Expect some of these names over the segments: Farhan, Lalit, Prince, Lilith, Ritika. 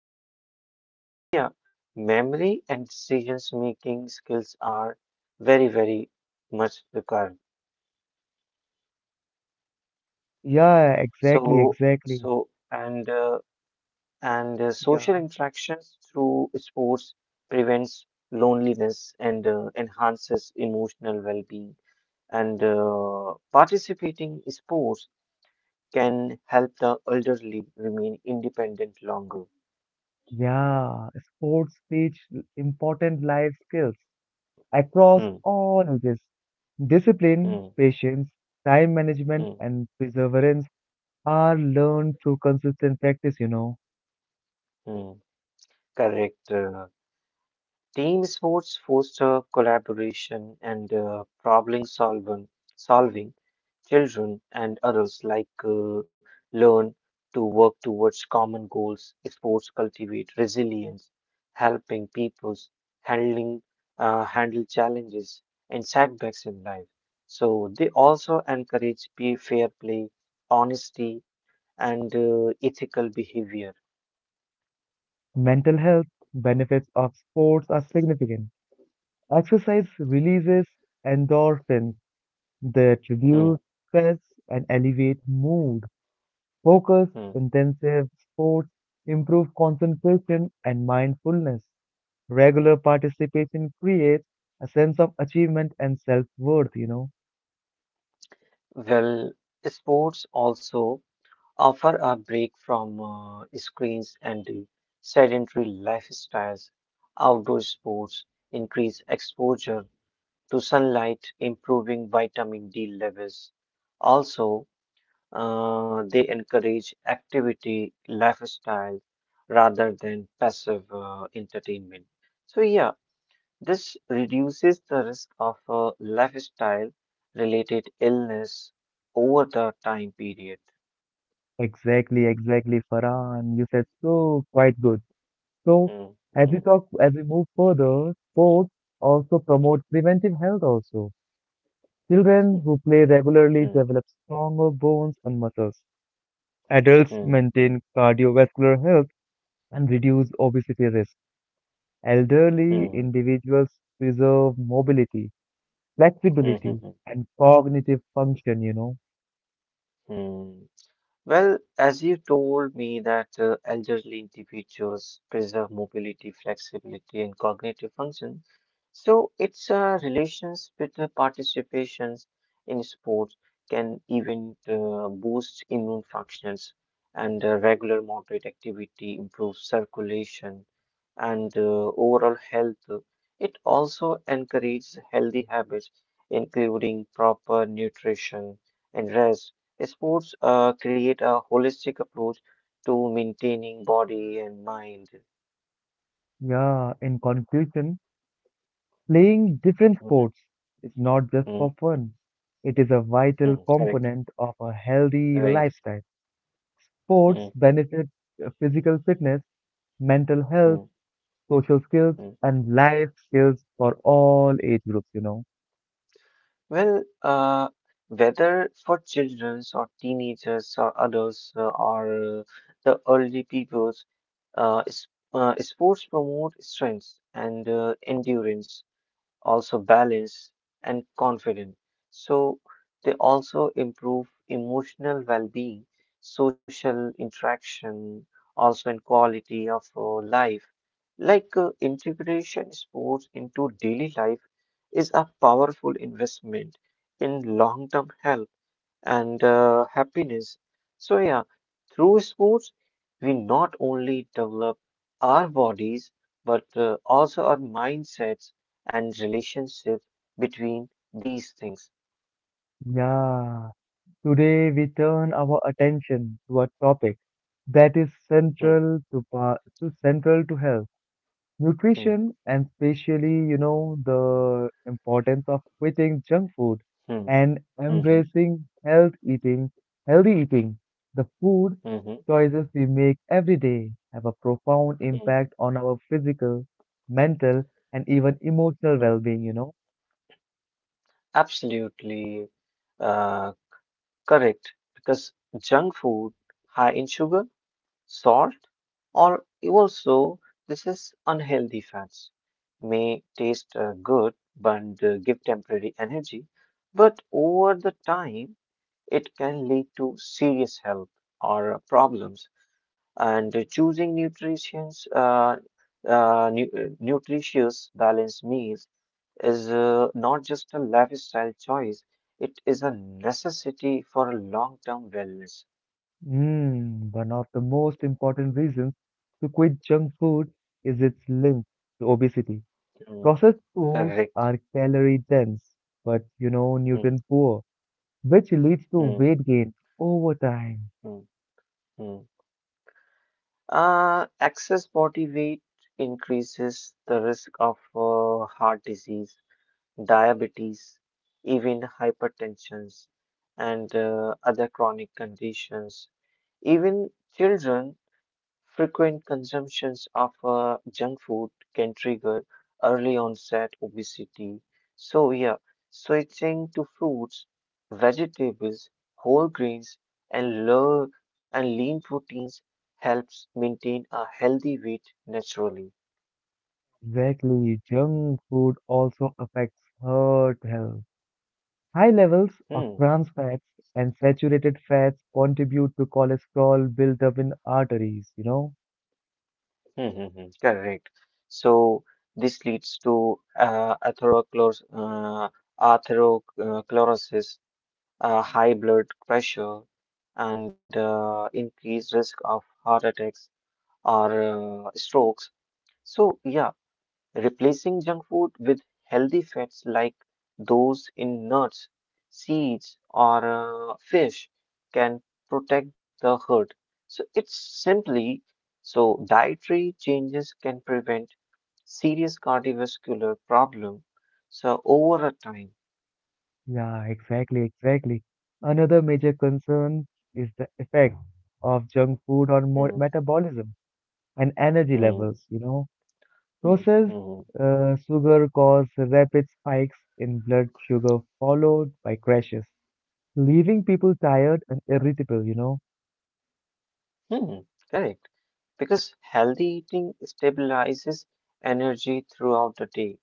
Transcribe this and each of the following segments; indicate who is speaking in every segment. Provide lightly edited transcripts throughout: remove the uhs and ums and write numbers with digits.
Speaker 1: focus. So, yeah, memory and decisions making skills are very, very much recurrent.
Speaker 2: Yeah, exactly,
Speaker 1: So,
Speaker 2: exactly.
Speaker 1: so and social
Speaker 2: Yeah,
Speaker 1: interactions through sports prevents loneliness and enhances emotional well-being. And participating in sports can help the elderly remain independent longer.
Speaker 2: yeah. Sports teach important life skills across
Speaker 1: Hmm,
Speaker 2: all ages. Discipline,
Speaker 1: hmm,
Speaker 2: patience, time management,
Speaker 1: hmm,
Speaker 2: and perseverance are learned through consistent practice.
Speaker 1: hmm. Correct. Team sports foster collaboration and problem solving. Children and adults learn to work towards common goals. Sports cultivate resilience, helping peoples handling handle challenges and setbacks in life. So they also encourage fair play, honesty, and ethical behavior.
Speaker 2: Mental health benefits of sports are significant. Exercise releases endorphins that reduce
Speaker 1: Hmm,
Speaker 2: stress and elevate mood. Focus,
Speaker 1: hmm.
Speaker 2: intensive sports improve concentration and mindfulness. Regular participation creates a sense of achievement and self worth.
Speaker 1: Well, sports also offer a break from screens and the sedentary lifestyles. Outdoor sports increase exposure to sunlight, improving vitamin D levels. Also, they encourage activity lifestyle rather than passive entertainment. So, yeah, this reduces the risk of lifestyle related illness over the time period.
Speaker 2: Exactly, exactly, Farhan. You said so quite good. So,
Speaker 1: Mm,
Speaker 2: as we
Speaker 1: mhm.
Speaker 2: talk, as we move further, sports also promote preventive health also. Children who play regularly
Speaker 1: Hmm.
Speaker 2: develop stronger bones and muscles. Adults
Speaker 1: Hmm.
Speaker 2: maintain cardiovascular health and reduce obesity risk. Elderly
Speaker 1: Hmm.
Speaker 2: individuals preserve mobility,
Speaker 1: Hmm.
Speaker 2: flexibility,
Speaker 1: Hmm.
Speaker 2: and cognitive function.
Speaker 1: Hmm. Well, as you told me that elderly individuals preserve mobility, flexibility, and cognitive function, so its relations with the participations in sports can even boost immune functions, and regular moderate activity improves circulation and overall health. It also encourages healthy habits, including proper nutrition and rest. Sports create a holistic approach to maintaining body and mind.
Speaker 2: Yeah, in conclusion, playing different
Speaker 1: Mhm,
Speaker 2: sports is not just
Speaker 1: mm
Speaker 2: for fun, it is a vital
Speaker 1: Correct,
Speaker 2: component of a healthy
Speaker 1: right.
Speaker 2: lifestyle. Sports
Speaker 1: mm
Speaker 2: benefit physical fitness, mental health,
Speaker 1: mm,
Speaker 2: social skills,
Speaker 1: mm.
Speaker 2: and life skills for all age groups.
Speaker 1: Well, whether for children or teenagers or adults or the early peoples, uh, s- sports promote strength and endurance, also balanced and confident. So they also improve emotional well-being, social interaction, also in quality of life. Integration sports into daily life is a powerful investment in long-term health and happiness. So, yeah, through sports, we not only develop our bodies but also our mindsets and relationship between these things.
Speaker 2: Yeah, today we turn our attention to a topic that is
Speaker 1: Hmm,
Speaker 2: central to, central to health,
Speaker 1: hmm,
Speaker 2: nutrition, and especially, the importance of quitting junk food
Speaker 1: hmm,
Speaker 2: and
Speaker 1: hmm, hmm,
Speaker 2: embracing health eating, healthy eating. The food
Speaker 1: hmm,
Speaker 2: choices we make every day have a profound
Speaker 1: hmm,
Speaker 2: impact on our physical, mental, and even emotional
Speaker 1: hmm.
Speaker 2: well-being.
Speaker 1: Absolutely uh, correct, because junk food high in sugar, salt, or also this is unhealthy fats may taste good but give temporary energy, but over the time it can lead to serious health or problems. And choosing nutritious balanced meals is not just a lifestyle choice; it is a necessity for long-term wellness.
Speaker 2: Mm, one of the most important reasons to quit junk food is its link to obesity.
Speaker 1: Mm,
Speaker 2: Processed foods
Speaker 1: correct.
Speaker 2: are calorie dense, but
Speaker 1: Mm,
Speaker 2: nutrient poor, which leads to
Speaker 1: mm,
Speaker 2: weight gain over time.
Speaker 1: mm, mm. Excess body weight increases the risk of heart disease, diabetes, even hypertension, and other chronic conditions. Even children, frequent consumptions of junk food can trigger early onset obesity. So, yeah, switching to fruits, vegetables, whole grains, and low and lean proteins helps maintain a healthy weight naturally.
Speaker 2: Exactly, junk food also affects heart health. High levels of
Speaker 1: Hmm.
Speaker 2: trans fats and saturated fats contribute to cholesterol built up in arteries.
Speaker 1: Correct. So, this leads to atherosclerosis, high blood pressure, and increased risk of heart attacks or strokes. So, yeah, replacing junk food with healthy fats like those in nuts, seeds, or fish can protect the herd. So, it's simply So dietary changes can prevent serious cardiovascular problem. So, over a time.
Speaker 2: Yeah, exactly, exactly. Another major concern is the effect of junk food on
Speaker 1: Mm,
Speaker 2: mo metabolism and energy
Speaker 1: mm,
Speaker 2: levels.
Speaker 1: mm,
Speaker 2: Processed
Speaker 1: mm,
Speaker 2: sugar causes rapid spikes in blood sugar followed by crashes, leaving people tired and irritable.
Speaker 1: mm. Correct, because healthy eating stabilizes energy throughout the day.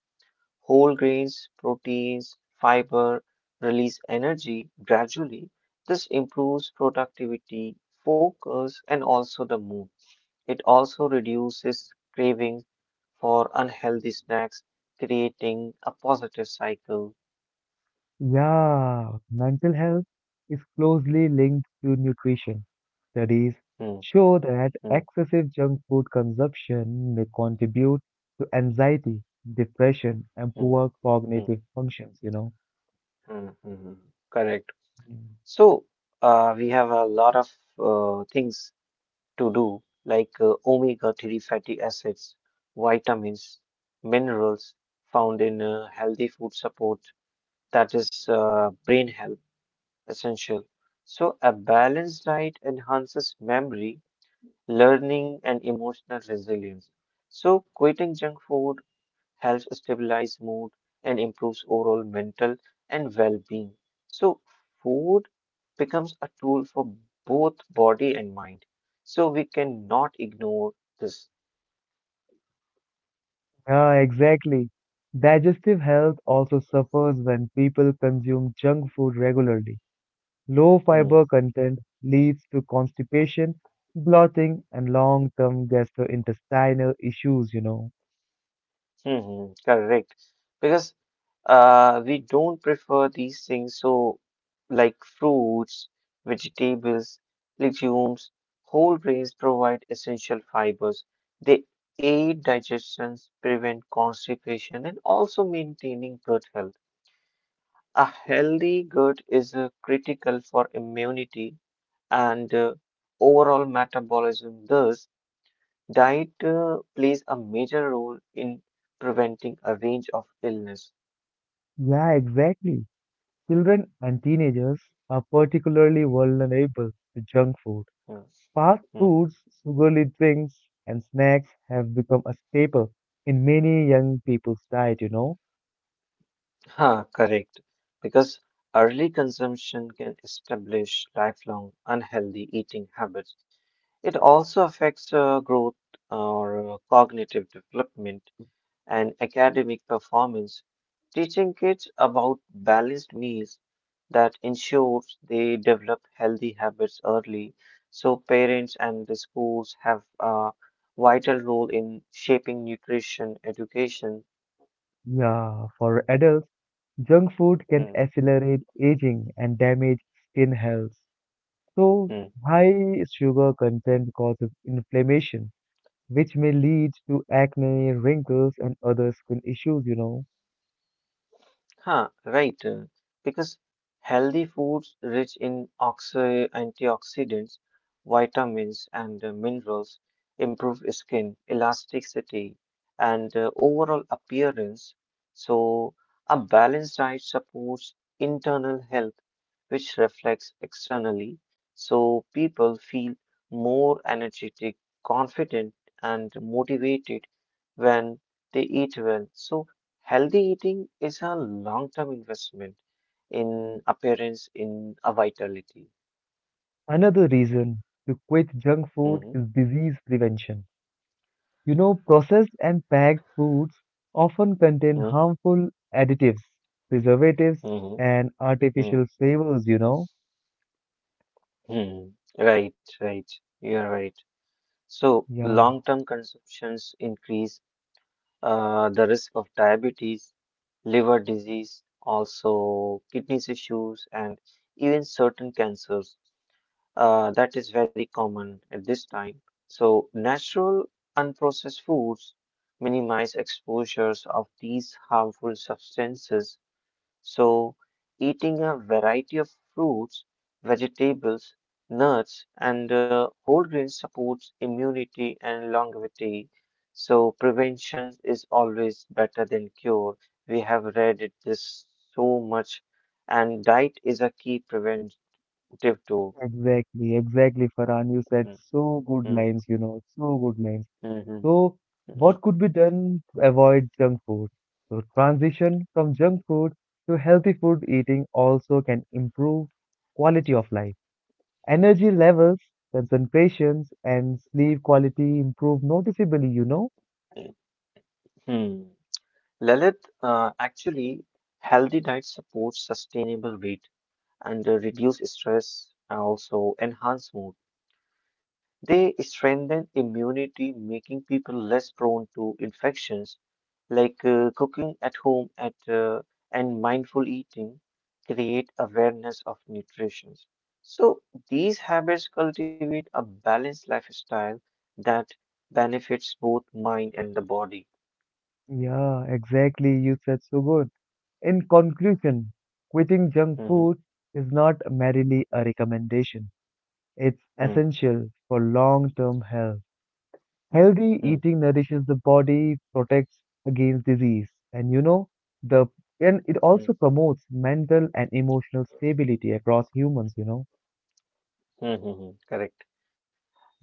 Speaker 1: Whole grains, proteins, fiber release energy gradually. This improves productivity, focus, and also the mood. It also reduces cravings for unhealthy snacks, creating a positive cycle.
Speaker 2: Yeah, mental health is closely linked to nutrition. Studies
Speaker 1: Hmm,
Speaker 2: show that
Speaker 1: hmm,
Speaker 2: excessive junk food consumption may contribute to anxiety, depression, and
Speaker 1: hmm,
Speaker 2: poor
Speaker 1: hmm,
Speaker 2: cognitive functions.
Speaker 1: hmm, hmm, hmm. Correct.
Speaker 2: Mm.
Speaker 1: So, we have a lot of things to do, like omega 3 fatty acids, vitamins, minerals found in healthy food support, that is, brain health essential. So, a balanced diet enhances memory, learning, and emotional resilience. So, quitting junk food helps stabilize mood and improves overall mental and well-being. So food becomes a tool for both body and mind. So we cannot ignore this.
Speaker 2: Yeah, exactly. Digestive health also suffers when people consume junk food regularly. Low
Speaker 1: Hmm,
Speaker 2: fiber content leads to constipation, bloating, and long term gastrointestinal issues.
Speaker 1: correct. Because we don't prefer these things, so like fruits, vegetables, legumes, whole grains provide essential fibers. They aid digestion, prevent constipation, and also maintaining gut health. A healthy gut is critical for immunity and overall metabolism. Thus, diet plays a major role in preventing a range of illness.
Speaker 2: Yeah, exactly. Children and teenagers are particularly vulnerable to junk food. Fast
Speaker 1: Yeah.
Speaker 2: foods, sugary drinks, and snacks have become a staple in many young people's diet.
Speaker 1: Correct. Because early consumption can establish lifelong unhealthy eating habits. It also affects growth, or cognitive development and academic performance. Teaching kids about balanced meals that ensures they develop healthy habits early, so parents and the schools have a vital role in shaping nutrition education.
Speaker 2: Yeah, for adults, junk food can
Speaker 1: Hmm,
Speaker 2: accelerate aging and damage skin health. So,
Speaker 1: hmm.
Speaker 2: high sugar content causes inflammation, which may lead to acne, wrinkles, and other skin issues.
Speaker 1: Huh, right. Because healthy foods rich in antioxidants, vitamins, and minerals improve skin elasticity and overall appearance. So, a balanced diet supports internal health, which reflects externally. So, people feel more energetic, confident, and motivated when they eat well. So, healthy eating is a long term investment in appearance, in a vitality.
Speaker 2: Another reason to quit junk
Speaker 1: hmm
Speaker 2: food is disease prevention. Processed and packed foods often contain
Speaker 1: hmm
Speaker 2: harmful additives, preservatives,
Speaker 1: hmm
Speaker 2: and
Speaker 1: hmm
Speaker 2: artificial flavors.
Speaker 1: hmm Right, right. You're right. So,
Speaker 2: Yeah,
Speaker 1: long term consumptions increase the risk of diabetes, liver disease, also kidney issues, and even certain cancers. That is very common at this time. So, natural, unprocessed foods minimize exposures of these harmful substances. So, eating a variety of fruits, vegetables, nuts, and whole grains supports immunity and longevity. So, prevention is always better than cure. We have read it this so much, and diet is a key preventive tool.
Speaker 2: exactly, exactly, Farhan. You
Speaker 1: Mm,
Speaker 2: said so good
Speaker 1: mm.
Speaker 2: lines, so good lines.
Speaker 1: Mhm,
Speaker 2: So,
Speaker 1: mhm,
Speaker 2: what could be done to avoid junk food? So, transition from junk food to healthy food eating also can improve quality of life. Energy levels, concentrations, and sleep quality improve noticeably.
Speaker 1: hmm. Lalit, actually, healthy diet supports sustainable weight and reduce stress and also enhance mood. They strengthen immunity, making people less prone to infections. Like cooking at home at and mindful eating create awareness of nutrition. So these habits cultivate a balanced lifestyle that benefits both mind and the body.
Speaker 2: Yeah, exactly. You said so good. In conclusion, quitting junk
Speaker 1: Mm-hmm.
Speaker 2: food is not merely a recommendation, it's
Speaker 1: Mm,
Speaker 2: essential for long term health.
Speaker 1: mm,
Speaker 2: Healthy
Speaker 1: mm,
Speaker 2: eating nourishes the body, protects against disease, and you know, the and it also
Speaker 1: mm,
Speaker 2: promotes mental and emotional stability across humans.
Speaker 1: mm. Correct.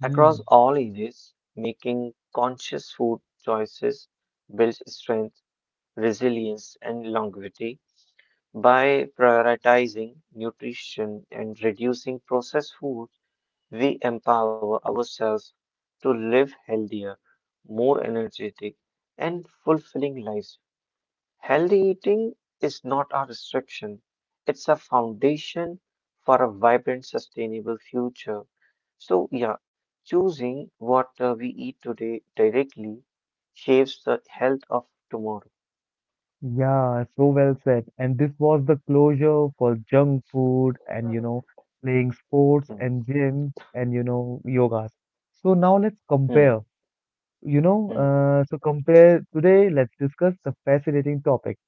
Speaker 1: Across all ages, making conscious food choices builds strength, resilience, and longevity. By prioritizing nutrition and reducing processed food, we empower ourselves to live healthier, more energetic, and fulfilling lives. Healthy eating is not a restriction, it's a foundation for a vibrant, sustainable future. So, yeah, choosing what we eat today directly shapes the health of tomorrow.
Speaker 2: Yeah, so well said. And this was the closure for junk food and, playing sports
Speaker 1: Hmm,
Speaker 2: and gyms and, yogas. So now let's
Speaker 1: hmm,
Speaker 2: compare,
Speaker 1: hmm,
Speaker 2: compare today, let's discuss the fascinating topic,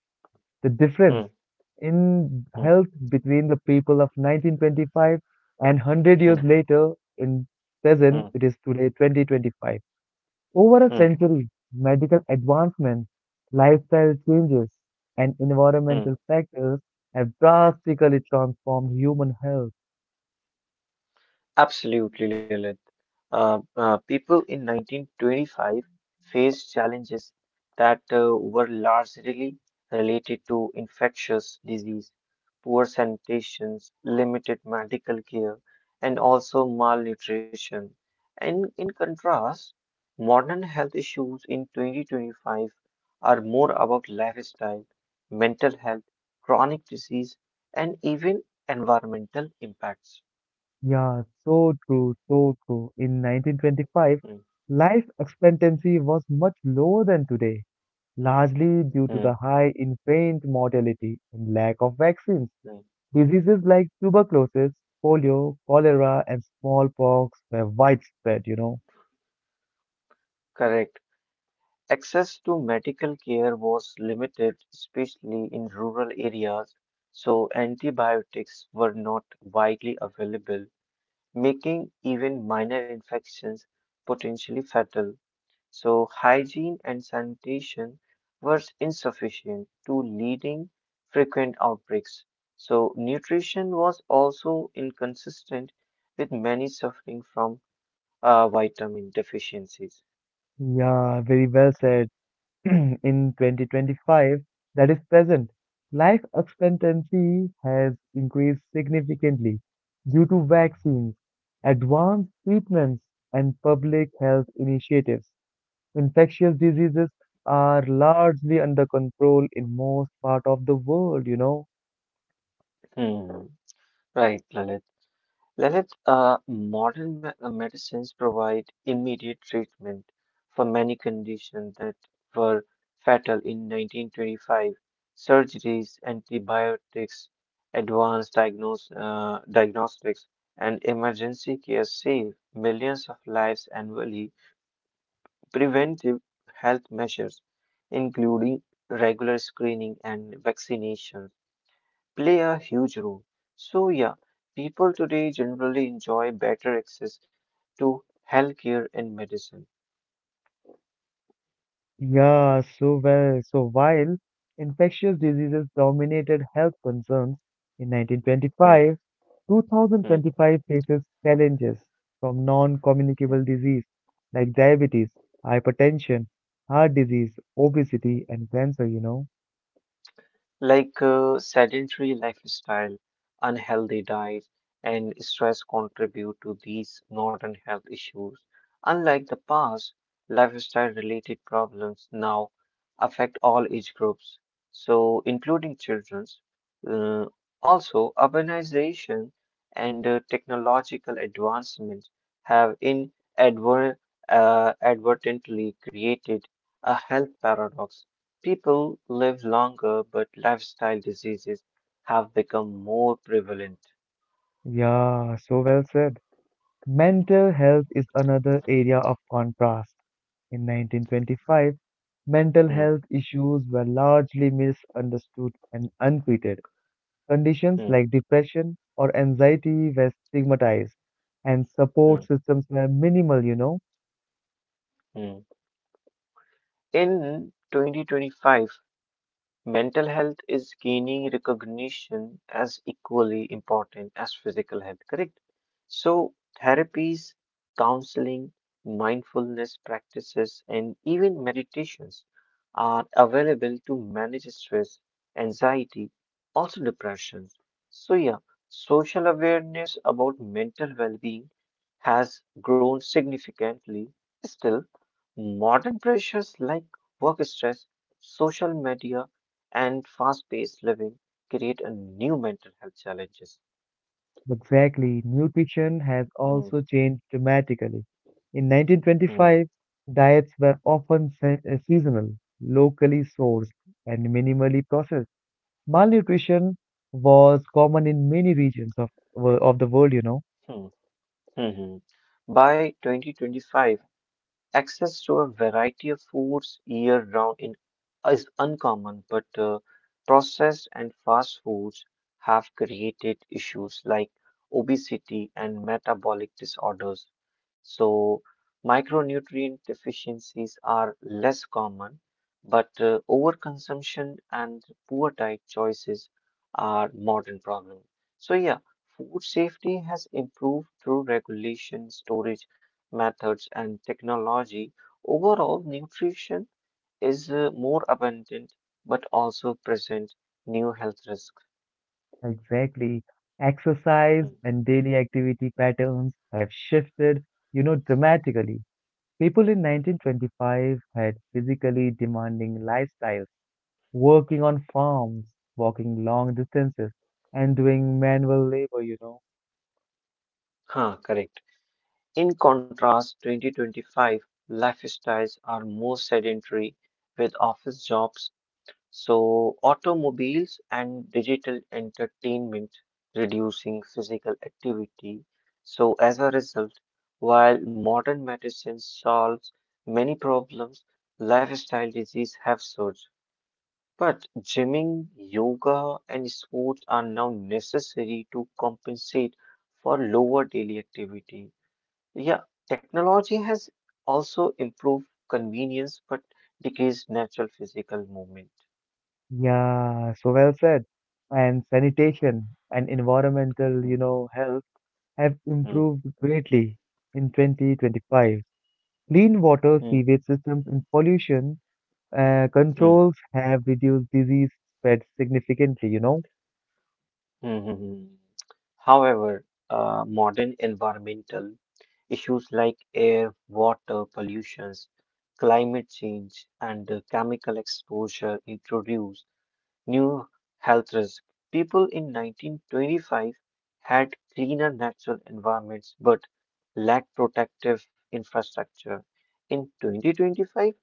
Speaker 2: the difference
Speaker 1: hmm,
Speaker 2: in
Speaker 1: hmm,
Speaker 2: health between the people of 1925 and 100 years
Speaker 1: hmm, hmm,
Speaker 2: later in present
Speaker 1: hmm,
Speaker 2: it is today 2025. Over a
Speaker 1: hmm.
Speaker 2: century, medical advancements, lifestyle changes, and environmental
Speaker 1: hmm.
Speaker 2: factors have drastically transformed human health.
Speaker 1: Absolutely, Lilith. People in 1925 faced challenges that were largely related to infectious disease, poor sanitation, limited medical care, and also malnutrition. And in contrast, modern health issues in 2025 are more about lifestyle, mental health, chronic disease, and even environmental impacts.
Speaker 2: Yeah, so so true. In 1925, life expectancy was much lower than today, largely due to
Speaker 1: Mhm.
Speaker 2: the high infant mortality and lack of vaccines.
Speaker 1: Mm,
Speaker 2: Diseases like tuberculosis, polio, cholera, and smallpox were widespread,
Speaker 1: Correct. Access to medical care was limited, especially in rural areas, so antibiotics were not widely available, making even minor infections potentially fatal. So hygiene and sanitation were insufficient to leading frequent outbreaks. So nutrition was also inconsistent with many suffering from vitamin deficiencies.
Speaker 2: Yeah, very well said. In 2025, that is present, life expectancy has increased significantly due to vaccines, advanced treatments, and public health initiatives. Infectious diseases are largely under control in most part of the world.
Speaker 1: Hmm. Right, Lalit. Lalit, modern medicines provide immediate treatment for many conditions that were fatal in 1925. Surgeries, antibiotics, advanced diagnostics, and emergency care save millions of lives annually. Preventive health measures, including regular screening and vaccination play a huge role. So, yeah, people today generally enjoy better access to healthcare and medicine.
Speaker 2: Yeah, so well. So while infectious diseases dominated health concerns in
Speaker 1: Hmm,
Speaker 2: 1925,
Speaker 1: hmm,
Speaker 2: 2025 faces challenges from
Speaker 1: hmm.
Speaker 2: non-communicable disease like diabetes, hypertension, heart disease, obesity, and cancer.
Speaker 1: Like sedentary lifestyle, unhealthy diet, and stress contribute to these modern health issues. Unlike the past, lifestyle related problems now affect all age groups, so including children. Uh, Also, urbanization and technological advancements have advertently created a health paradox. People live longer, but lifestyle diseases have become more prevalent.
Speaker 2: Yeah, so well said. Mental health is another area of contrast. In 1925, mental
Speaker 1: Mm,
Speaker 2: health issues were largely misunderstood and untreated. Conditions
Speaker 1: mm,
Speaker 2: like depression or anxiety were stigmatized, and
Speaker 1: mm,
Speaker 2: support systems were minimal.
Speaker 1: mm. In 2025, mental health is gaining recognition as equally important as physical health, correct? So, therapies, counseling, mindfulness practices, and even meditations are available to manage stress, anxiety, also depression. So, yeah, social awareness about mental well being has grown significantly. Still, modern pressures like work stress, social media, and fast-paced living create a new mental health challenges.
Speaker 2: Exactly, nutrition has
Speaker 1: Hmm,
Speaker 2: also changed dramatically. In
Speaker 1: hmm,
Speaker 2: 1925, diets were often seasonal, locally sourced, and minimally processed. Malnutrition was common in many regions of, of the world.
Speaker 1: hmm, hmm, hmm. By 2025, access to a variety of foods year round in, is uncommon, but processed and fast foods have created issues like obesity and metabolic disorders. So, micronutrient deficiencies are less common, but overconsumption and poor diet choices are modern problem. So, yeah, food safety has improved through regulation, storage, methods, and technology. Overall, nutrition is more abundant but also present new health risks.
Speaker 2: Exactly. Exercise
Speaker 1: Mm.
Speaker 2: and daily activity patterns have shifted, dramatically. People in 1925 had physically demanding lifestyles, working on farms, walking long distances, and doing manual labor.
Speaker 1: Huh, correct. In contrast, 2025 lifestyles are more sedentary with office jobs. So, automobiles and digital entertainment reducing physical activity. So, as a result, while modern medicine solves many problems, lifestyle disease have surged. But gymming, yoga, and sports are now necessary to compensate for lower daily activity. Yeah, technology has also improved convenience but decreased natural physical movement.
Speaker 2: Yeah, so well said. And sanitation and environmental,
Speaker 1: Mm,
Speaker 2: health have
Speaker 1: mm.
Speaker 2: improved greatly in 2025. Clean water,
Speaker 1: Mm,
Speaker 2: sewage systems, and pollution
Speaker 1: mm, mm,
Speaker 2: controls have reduced disease spread significantly.
Speaker 1: mm, mm. However, modern environmental issues like air, water pollutions, climate change, and chemical exposure introduce new health risks. People in 1925 had cleaner natural environments but lacked protective infrastructure. In 2025,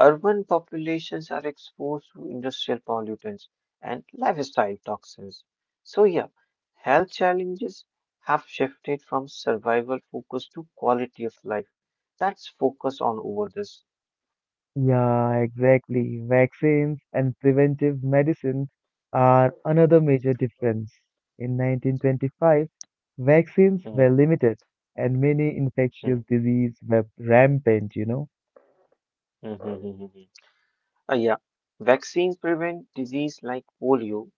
Speaker 1: urban populations are exposed to industrial pollutants and lifestyle toxins. So, yeah, health challenges have shifted from survival focus to quality of life. That's focus on over this.
Speaker 2: Yeah, exactly. Vaccines and preventive medicine are another major difference. In 1925, vaccines
Speaker 1: Mhm,
Speaker 2: were limited and many
Speaker 1: mhm,
Speaker 2: infectious diseases were rampant.
Speaker 1: mhm, right, mhm, mhm. Yeah, vaccines prevent disease like polio,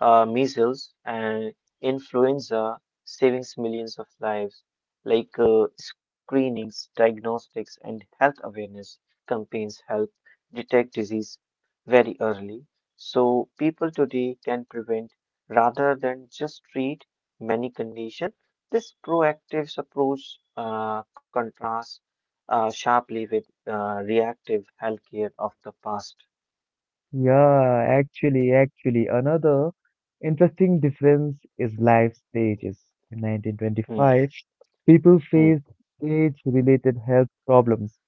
Speaker 1: measles and influenza, saving millions of lives, like screenings, diagnostics, and health awareness campaigns help detect disease very early. So, people today can prevent rather than just treat many conditions. This proactive approach contrasts sharply with reactive healthcare of the past.
Speaker 2: Yeah, actually, actually, another interesting difference is life stages. In
Speaker 1: Hmm,
Speaker 2: 1925, people
Speaker 1: hmm,
Speaker 2: faced age-related health problems,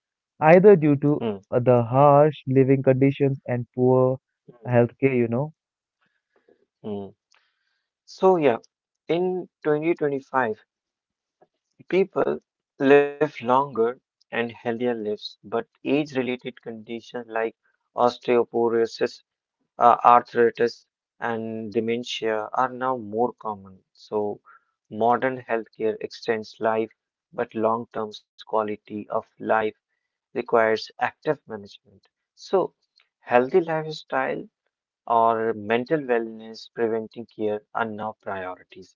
Speaker 2: either due
Speaker 1: hmm,
Speaker 2: to the harsh living conditions and poor
Speaker 1: hmm,
Speaker 2: healthcare.
Speaker 1: hmm. So, yeah, in 2025, people live longer and healthier lives, but age related conditions like osteoporosis, arthritis, and dementia are now more common. So, modern healthcare extends life, but long term quality of life requires active management. So, healthy lifestyle or mental wellness, preventing care are now priorities.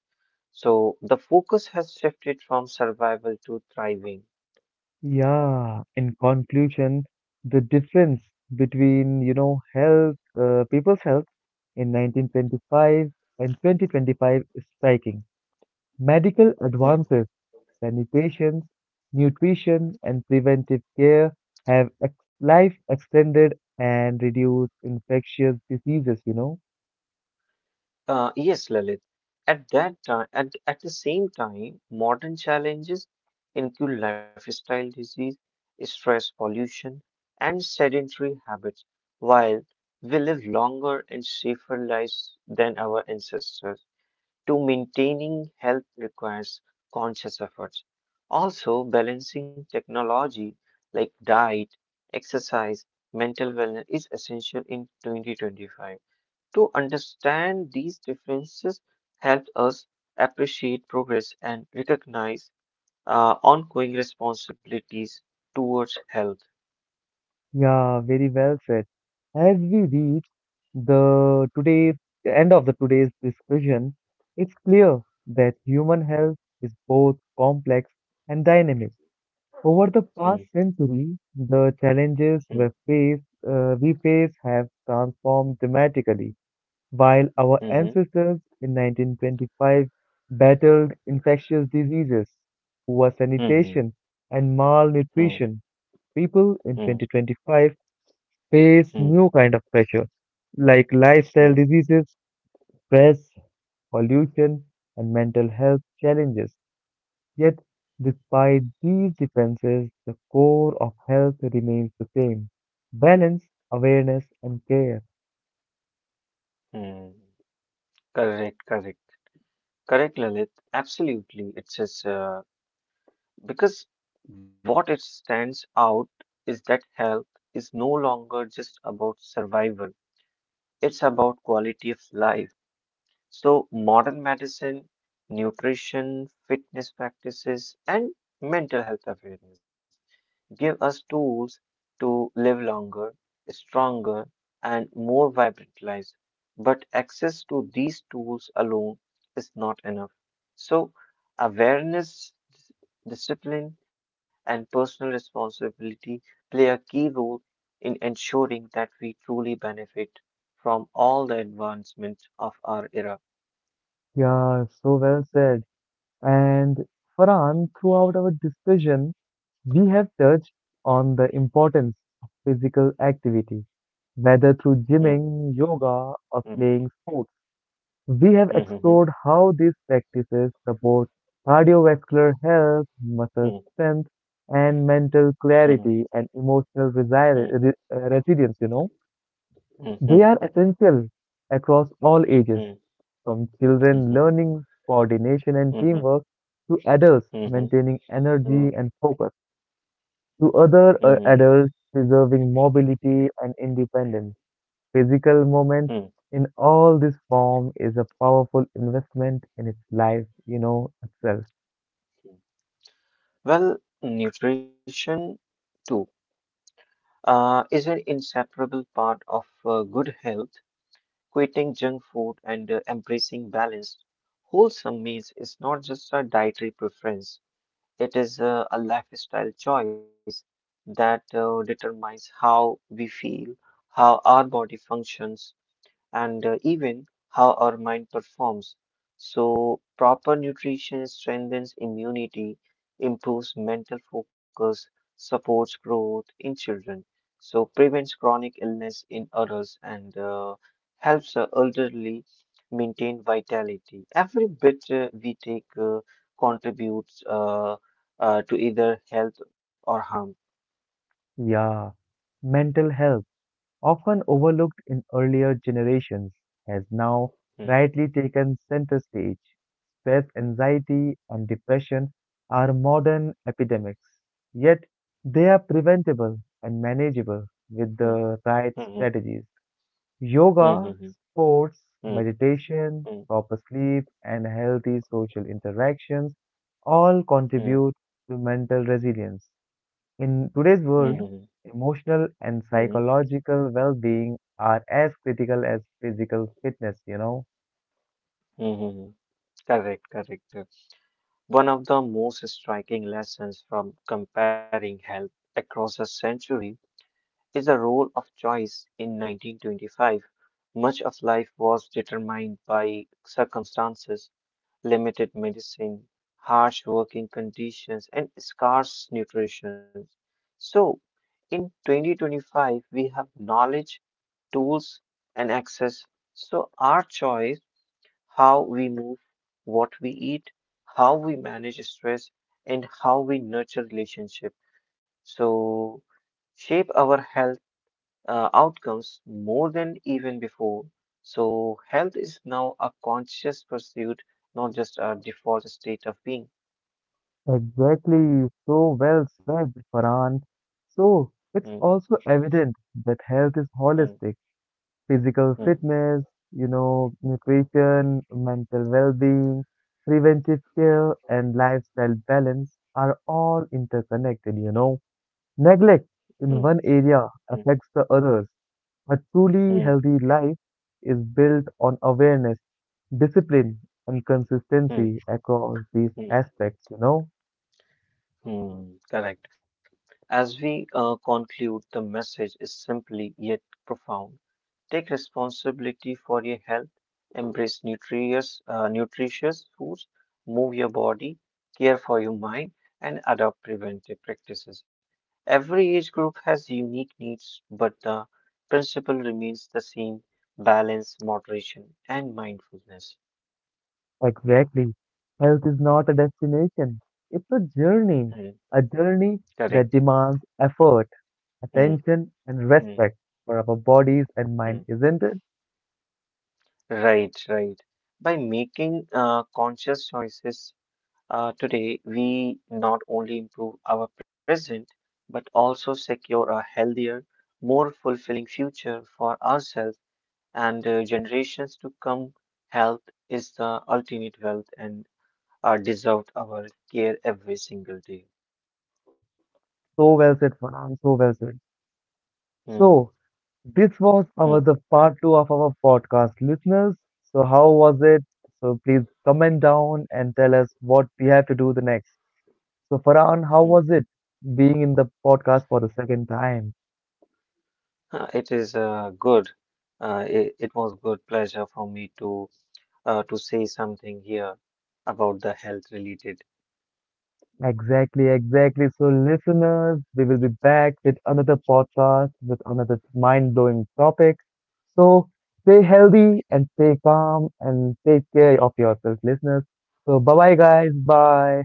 Speaker 1: So the focus has shifted from survival to thriving.
Speaker 2: Yeah, in conclusion, the difference between, people's health in 1925 and 2025 is striking. Medical
Speaker 1: Hmm.
Speaker 2: advances, sanitation, nutrition, and preventive care have life extended and reduced infectious diseases.
Speaker 1: Yes, Lalit. At that time, at the same time, modern challenges include lifestyle disease, stress, pollution, and sedentary habits. While we live longer and safer lives than our ancestors, to maintaining health requires conscious efforts. Also, balancing technology like diet, exercise, mental wellness is essential in 2025. To understand these differences helps us appreciate progress and recognize ongoing responsibilities towards health.
Speaker 2: Yeah, very well said. As we reach the today's the end of the today's discussion, it's clear that human health is both complex and dynamic. Over the
Speaker 1: Mm,
Speaker 2: past century, the challenges
Speaker 1: mm,
Speaker 2: we face have transformed dramatically. While our
Speaker 1: mhm,
Speaker 2: ancestors in 1925 battled infectious diseases, poor
Speaker 1: mhm,
Speaker 2: sanitation, and
Speaker 1: mm,
Speaker 2: malnutrition, people in
Speaker 1: mm,
Speaker 2: 2025 face
Speaker 1: mm,
Speaker 2: new kind of pressure like lifestyle
Speaker 1: mm,
Speaker 2: diseases, stress, pollution, and mental health challenges. Yet, despite these differences, the core of health remains the same: balance, awareness, and care.
Speaker 1: mm. Correct, correct. Correct, Lalit. Absolutely. It's just because what it stands out is that health is no longer just about survival, it's about quality of life. So, modern medicine, nutrition, fitness practices, and mental health awareness give us tools to live longer, stronger, and more vibrant lives. But access to these tools alone is not enough. So, awareness, discipline, and personal responsibility play a key role in ensuring that we truly benefit from all the advancements of our era.
Speaker 2: Yeah, so well said. And Farhan, throughout our discussion, we have touched on the importance of physical activity, whether through
Speaker 1: Mm,
Speaker 2: gymming, yoga, or
Speaker 1: mm,
Speaker 2: playing sports. We have
Speaker 1: mm,
Speaker 2: explored how these practices support cardiovascular health, muscle
Speaker 1: mhm,
Speaker 2: strength, and mental
Speaker 1: mm,
Speaker 2: clarity and emotional
Speaker 1: mm,
Speaker 2: resilience. They
Speaker 1: mhm,
Speaker 2: are essential across all ages,
Speaker 1: mm,
Speaker 2: from children
Speaker 1: mhm,
Speaker 2: learning coordination and
Speaker 1: mhm,
Speaker 2: teamwork to adults
Speaker 1: mhm,
Speaker 2: maintaining energy
Speaker 1: mhm.
Speaker 2: and focus to other
Speaker 1: Mhm,
Speaker 2: adults preserving mobility and independence. Physical movement
Speaker 1: mhm.
Speaker 2: in all this form is a powerful investment in its life, itself.
Speaker 1: Well, nutrition too is an inseparable part of good health. Quitting junk food and embracing balanced, wholesome meals is not just a dietary preference, it is a lifestyle choice that determines how we feel, how our body functions, and even how our mind performs. So, proper nutrition strengthens immunity, improves mental focus, supports growth in children, so prevents chronic illness in adults, and helps the elderly maintain vitality. Every bit we take contributes to either health or harm.
Speaker 2: Yeah. Mental health, often overlooked in earlier generations, has now
Speaker 1: Hmm,
Speaker 2: rightly taken center stage. Stress, anxiety, and depression are modern epidemics, yet they are preventable and manageable with
Speaker 1: hmm,
Speaker 2: the right
Speaker 1: hmm,
Speaker 2: strategies.
Speaker 1: hmm,
Speaker 2: Yoga,
Speaker 1: hmm,
Speaker 2: sports,
Speaker 1: hmm,
Speaker 2: meditation,
Speaker 1: hmm,
Speaker 2: proper sleep, and healthy social interactions all
Speaker 1: hmm, hmm,
Speaker 2: contribute to mental resilience. In
Speaker 1: hmm,
Speaker 2: today's
Speaker 1: hmm,
Speaker 2: world, emotional and
Speaker 1: hmm, hmm.
Speaker 2: psychological well-being are as critical as physical fitness,
Speaker 1: Hmm. Correct, correct. One of the most striking lessons from comparing health across a century is the role of choice in 1925. Much of life was determined by circumstances, limited medicine, harsh working conditions, and scarce nutrition. So, in 2025, we have knowledge, tools, and access. So, our choice how we move, what we eat, how we manage stress, and how we nurture relationships. So, shape our health outcomes more than even before. So, health is now a conscious pursuit, not just a default state of being.
Speaker 2: Exactly, so well said, Farhan. So, it's
Speaker 1: Hmm,
Speaker 2: also evident that health is
Speaker 1: hmm,
Speaker 2: holistic. Physical
Speaker 1: hmm,
Speaker 2: fitness, nutrition, mental well-being, preventive care, and lifestyle balance are all interconnected, Neglect in
Speaker 1: hmm,
Speaker 2: one area
Speaker 1: hmm,
Speaker 2: affects the others. A truly
Speaker 1: hmm,
Speaker 2: healthy life is built on awareness, discipline, and consistency
Speaker 1: hmm,
Speaker 2: across these
Speaker 1: hmm,
Speaker 2: aspects.
Speaker 1: hmm. Hmm. Correct. As we conclude, the message is simply yet profound. Take responsibility for your health, embrace nutritious foods, move your body, care for your mind, and adopt preventive practices. Every age group has unique needs, but the principle remains the same balance, moderation, and mindfulness.
Speaker 2: Exactly. Health is not a destination, it's
Speaker 1: Mm,
Speaker 2: a journey that
Speaker 1: correct.
Speaker 2: demands effort,
Speaker 1: Mm,
Speaker 2: attention, and
Speaker 1: mm,
Speaker 2: respect for our bodies and
Speaker 1: mm.
Speaker 2: mind, isn't it?
Speaker 1: Right, right, by making conscious choices. Today, we not only improve our present, but also secure a healthier, more fulfilling future for ourselves and generations to come. Health is the ultimate wealth and deserved our care every single day.
Speaker 2: So well said, Farhan, so well said.
Speaker 1: Hmm,
Speaker 2: So, this was our
Speaker 1: hmm,
Speaker 2: the part two of our podcast, listeners. So how was it? So please comment down and tell us what we have to do the next. So Farhan, how
Speaker 1: hmm.
Speaker 2: was it being in the podcast for the second time?
Speaker 1: It is good. It was good pleasure for me to say something here about the health related
Speaker 2: Exactly, exactly. So listeners, we will be back with another podcast with another mind-blowing topic. So stay healthy and stay calm and take care of yourself, listeners. So bye bye guys, bye.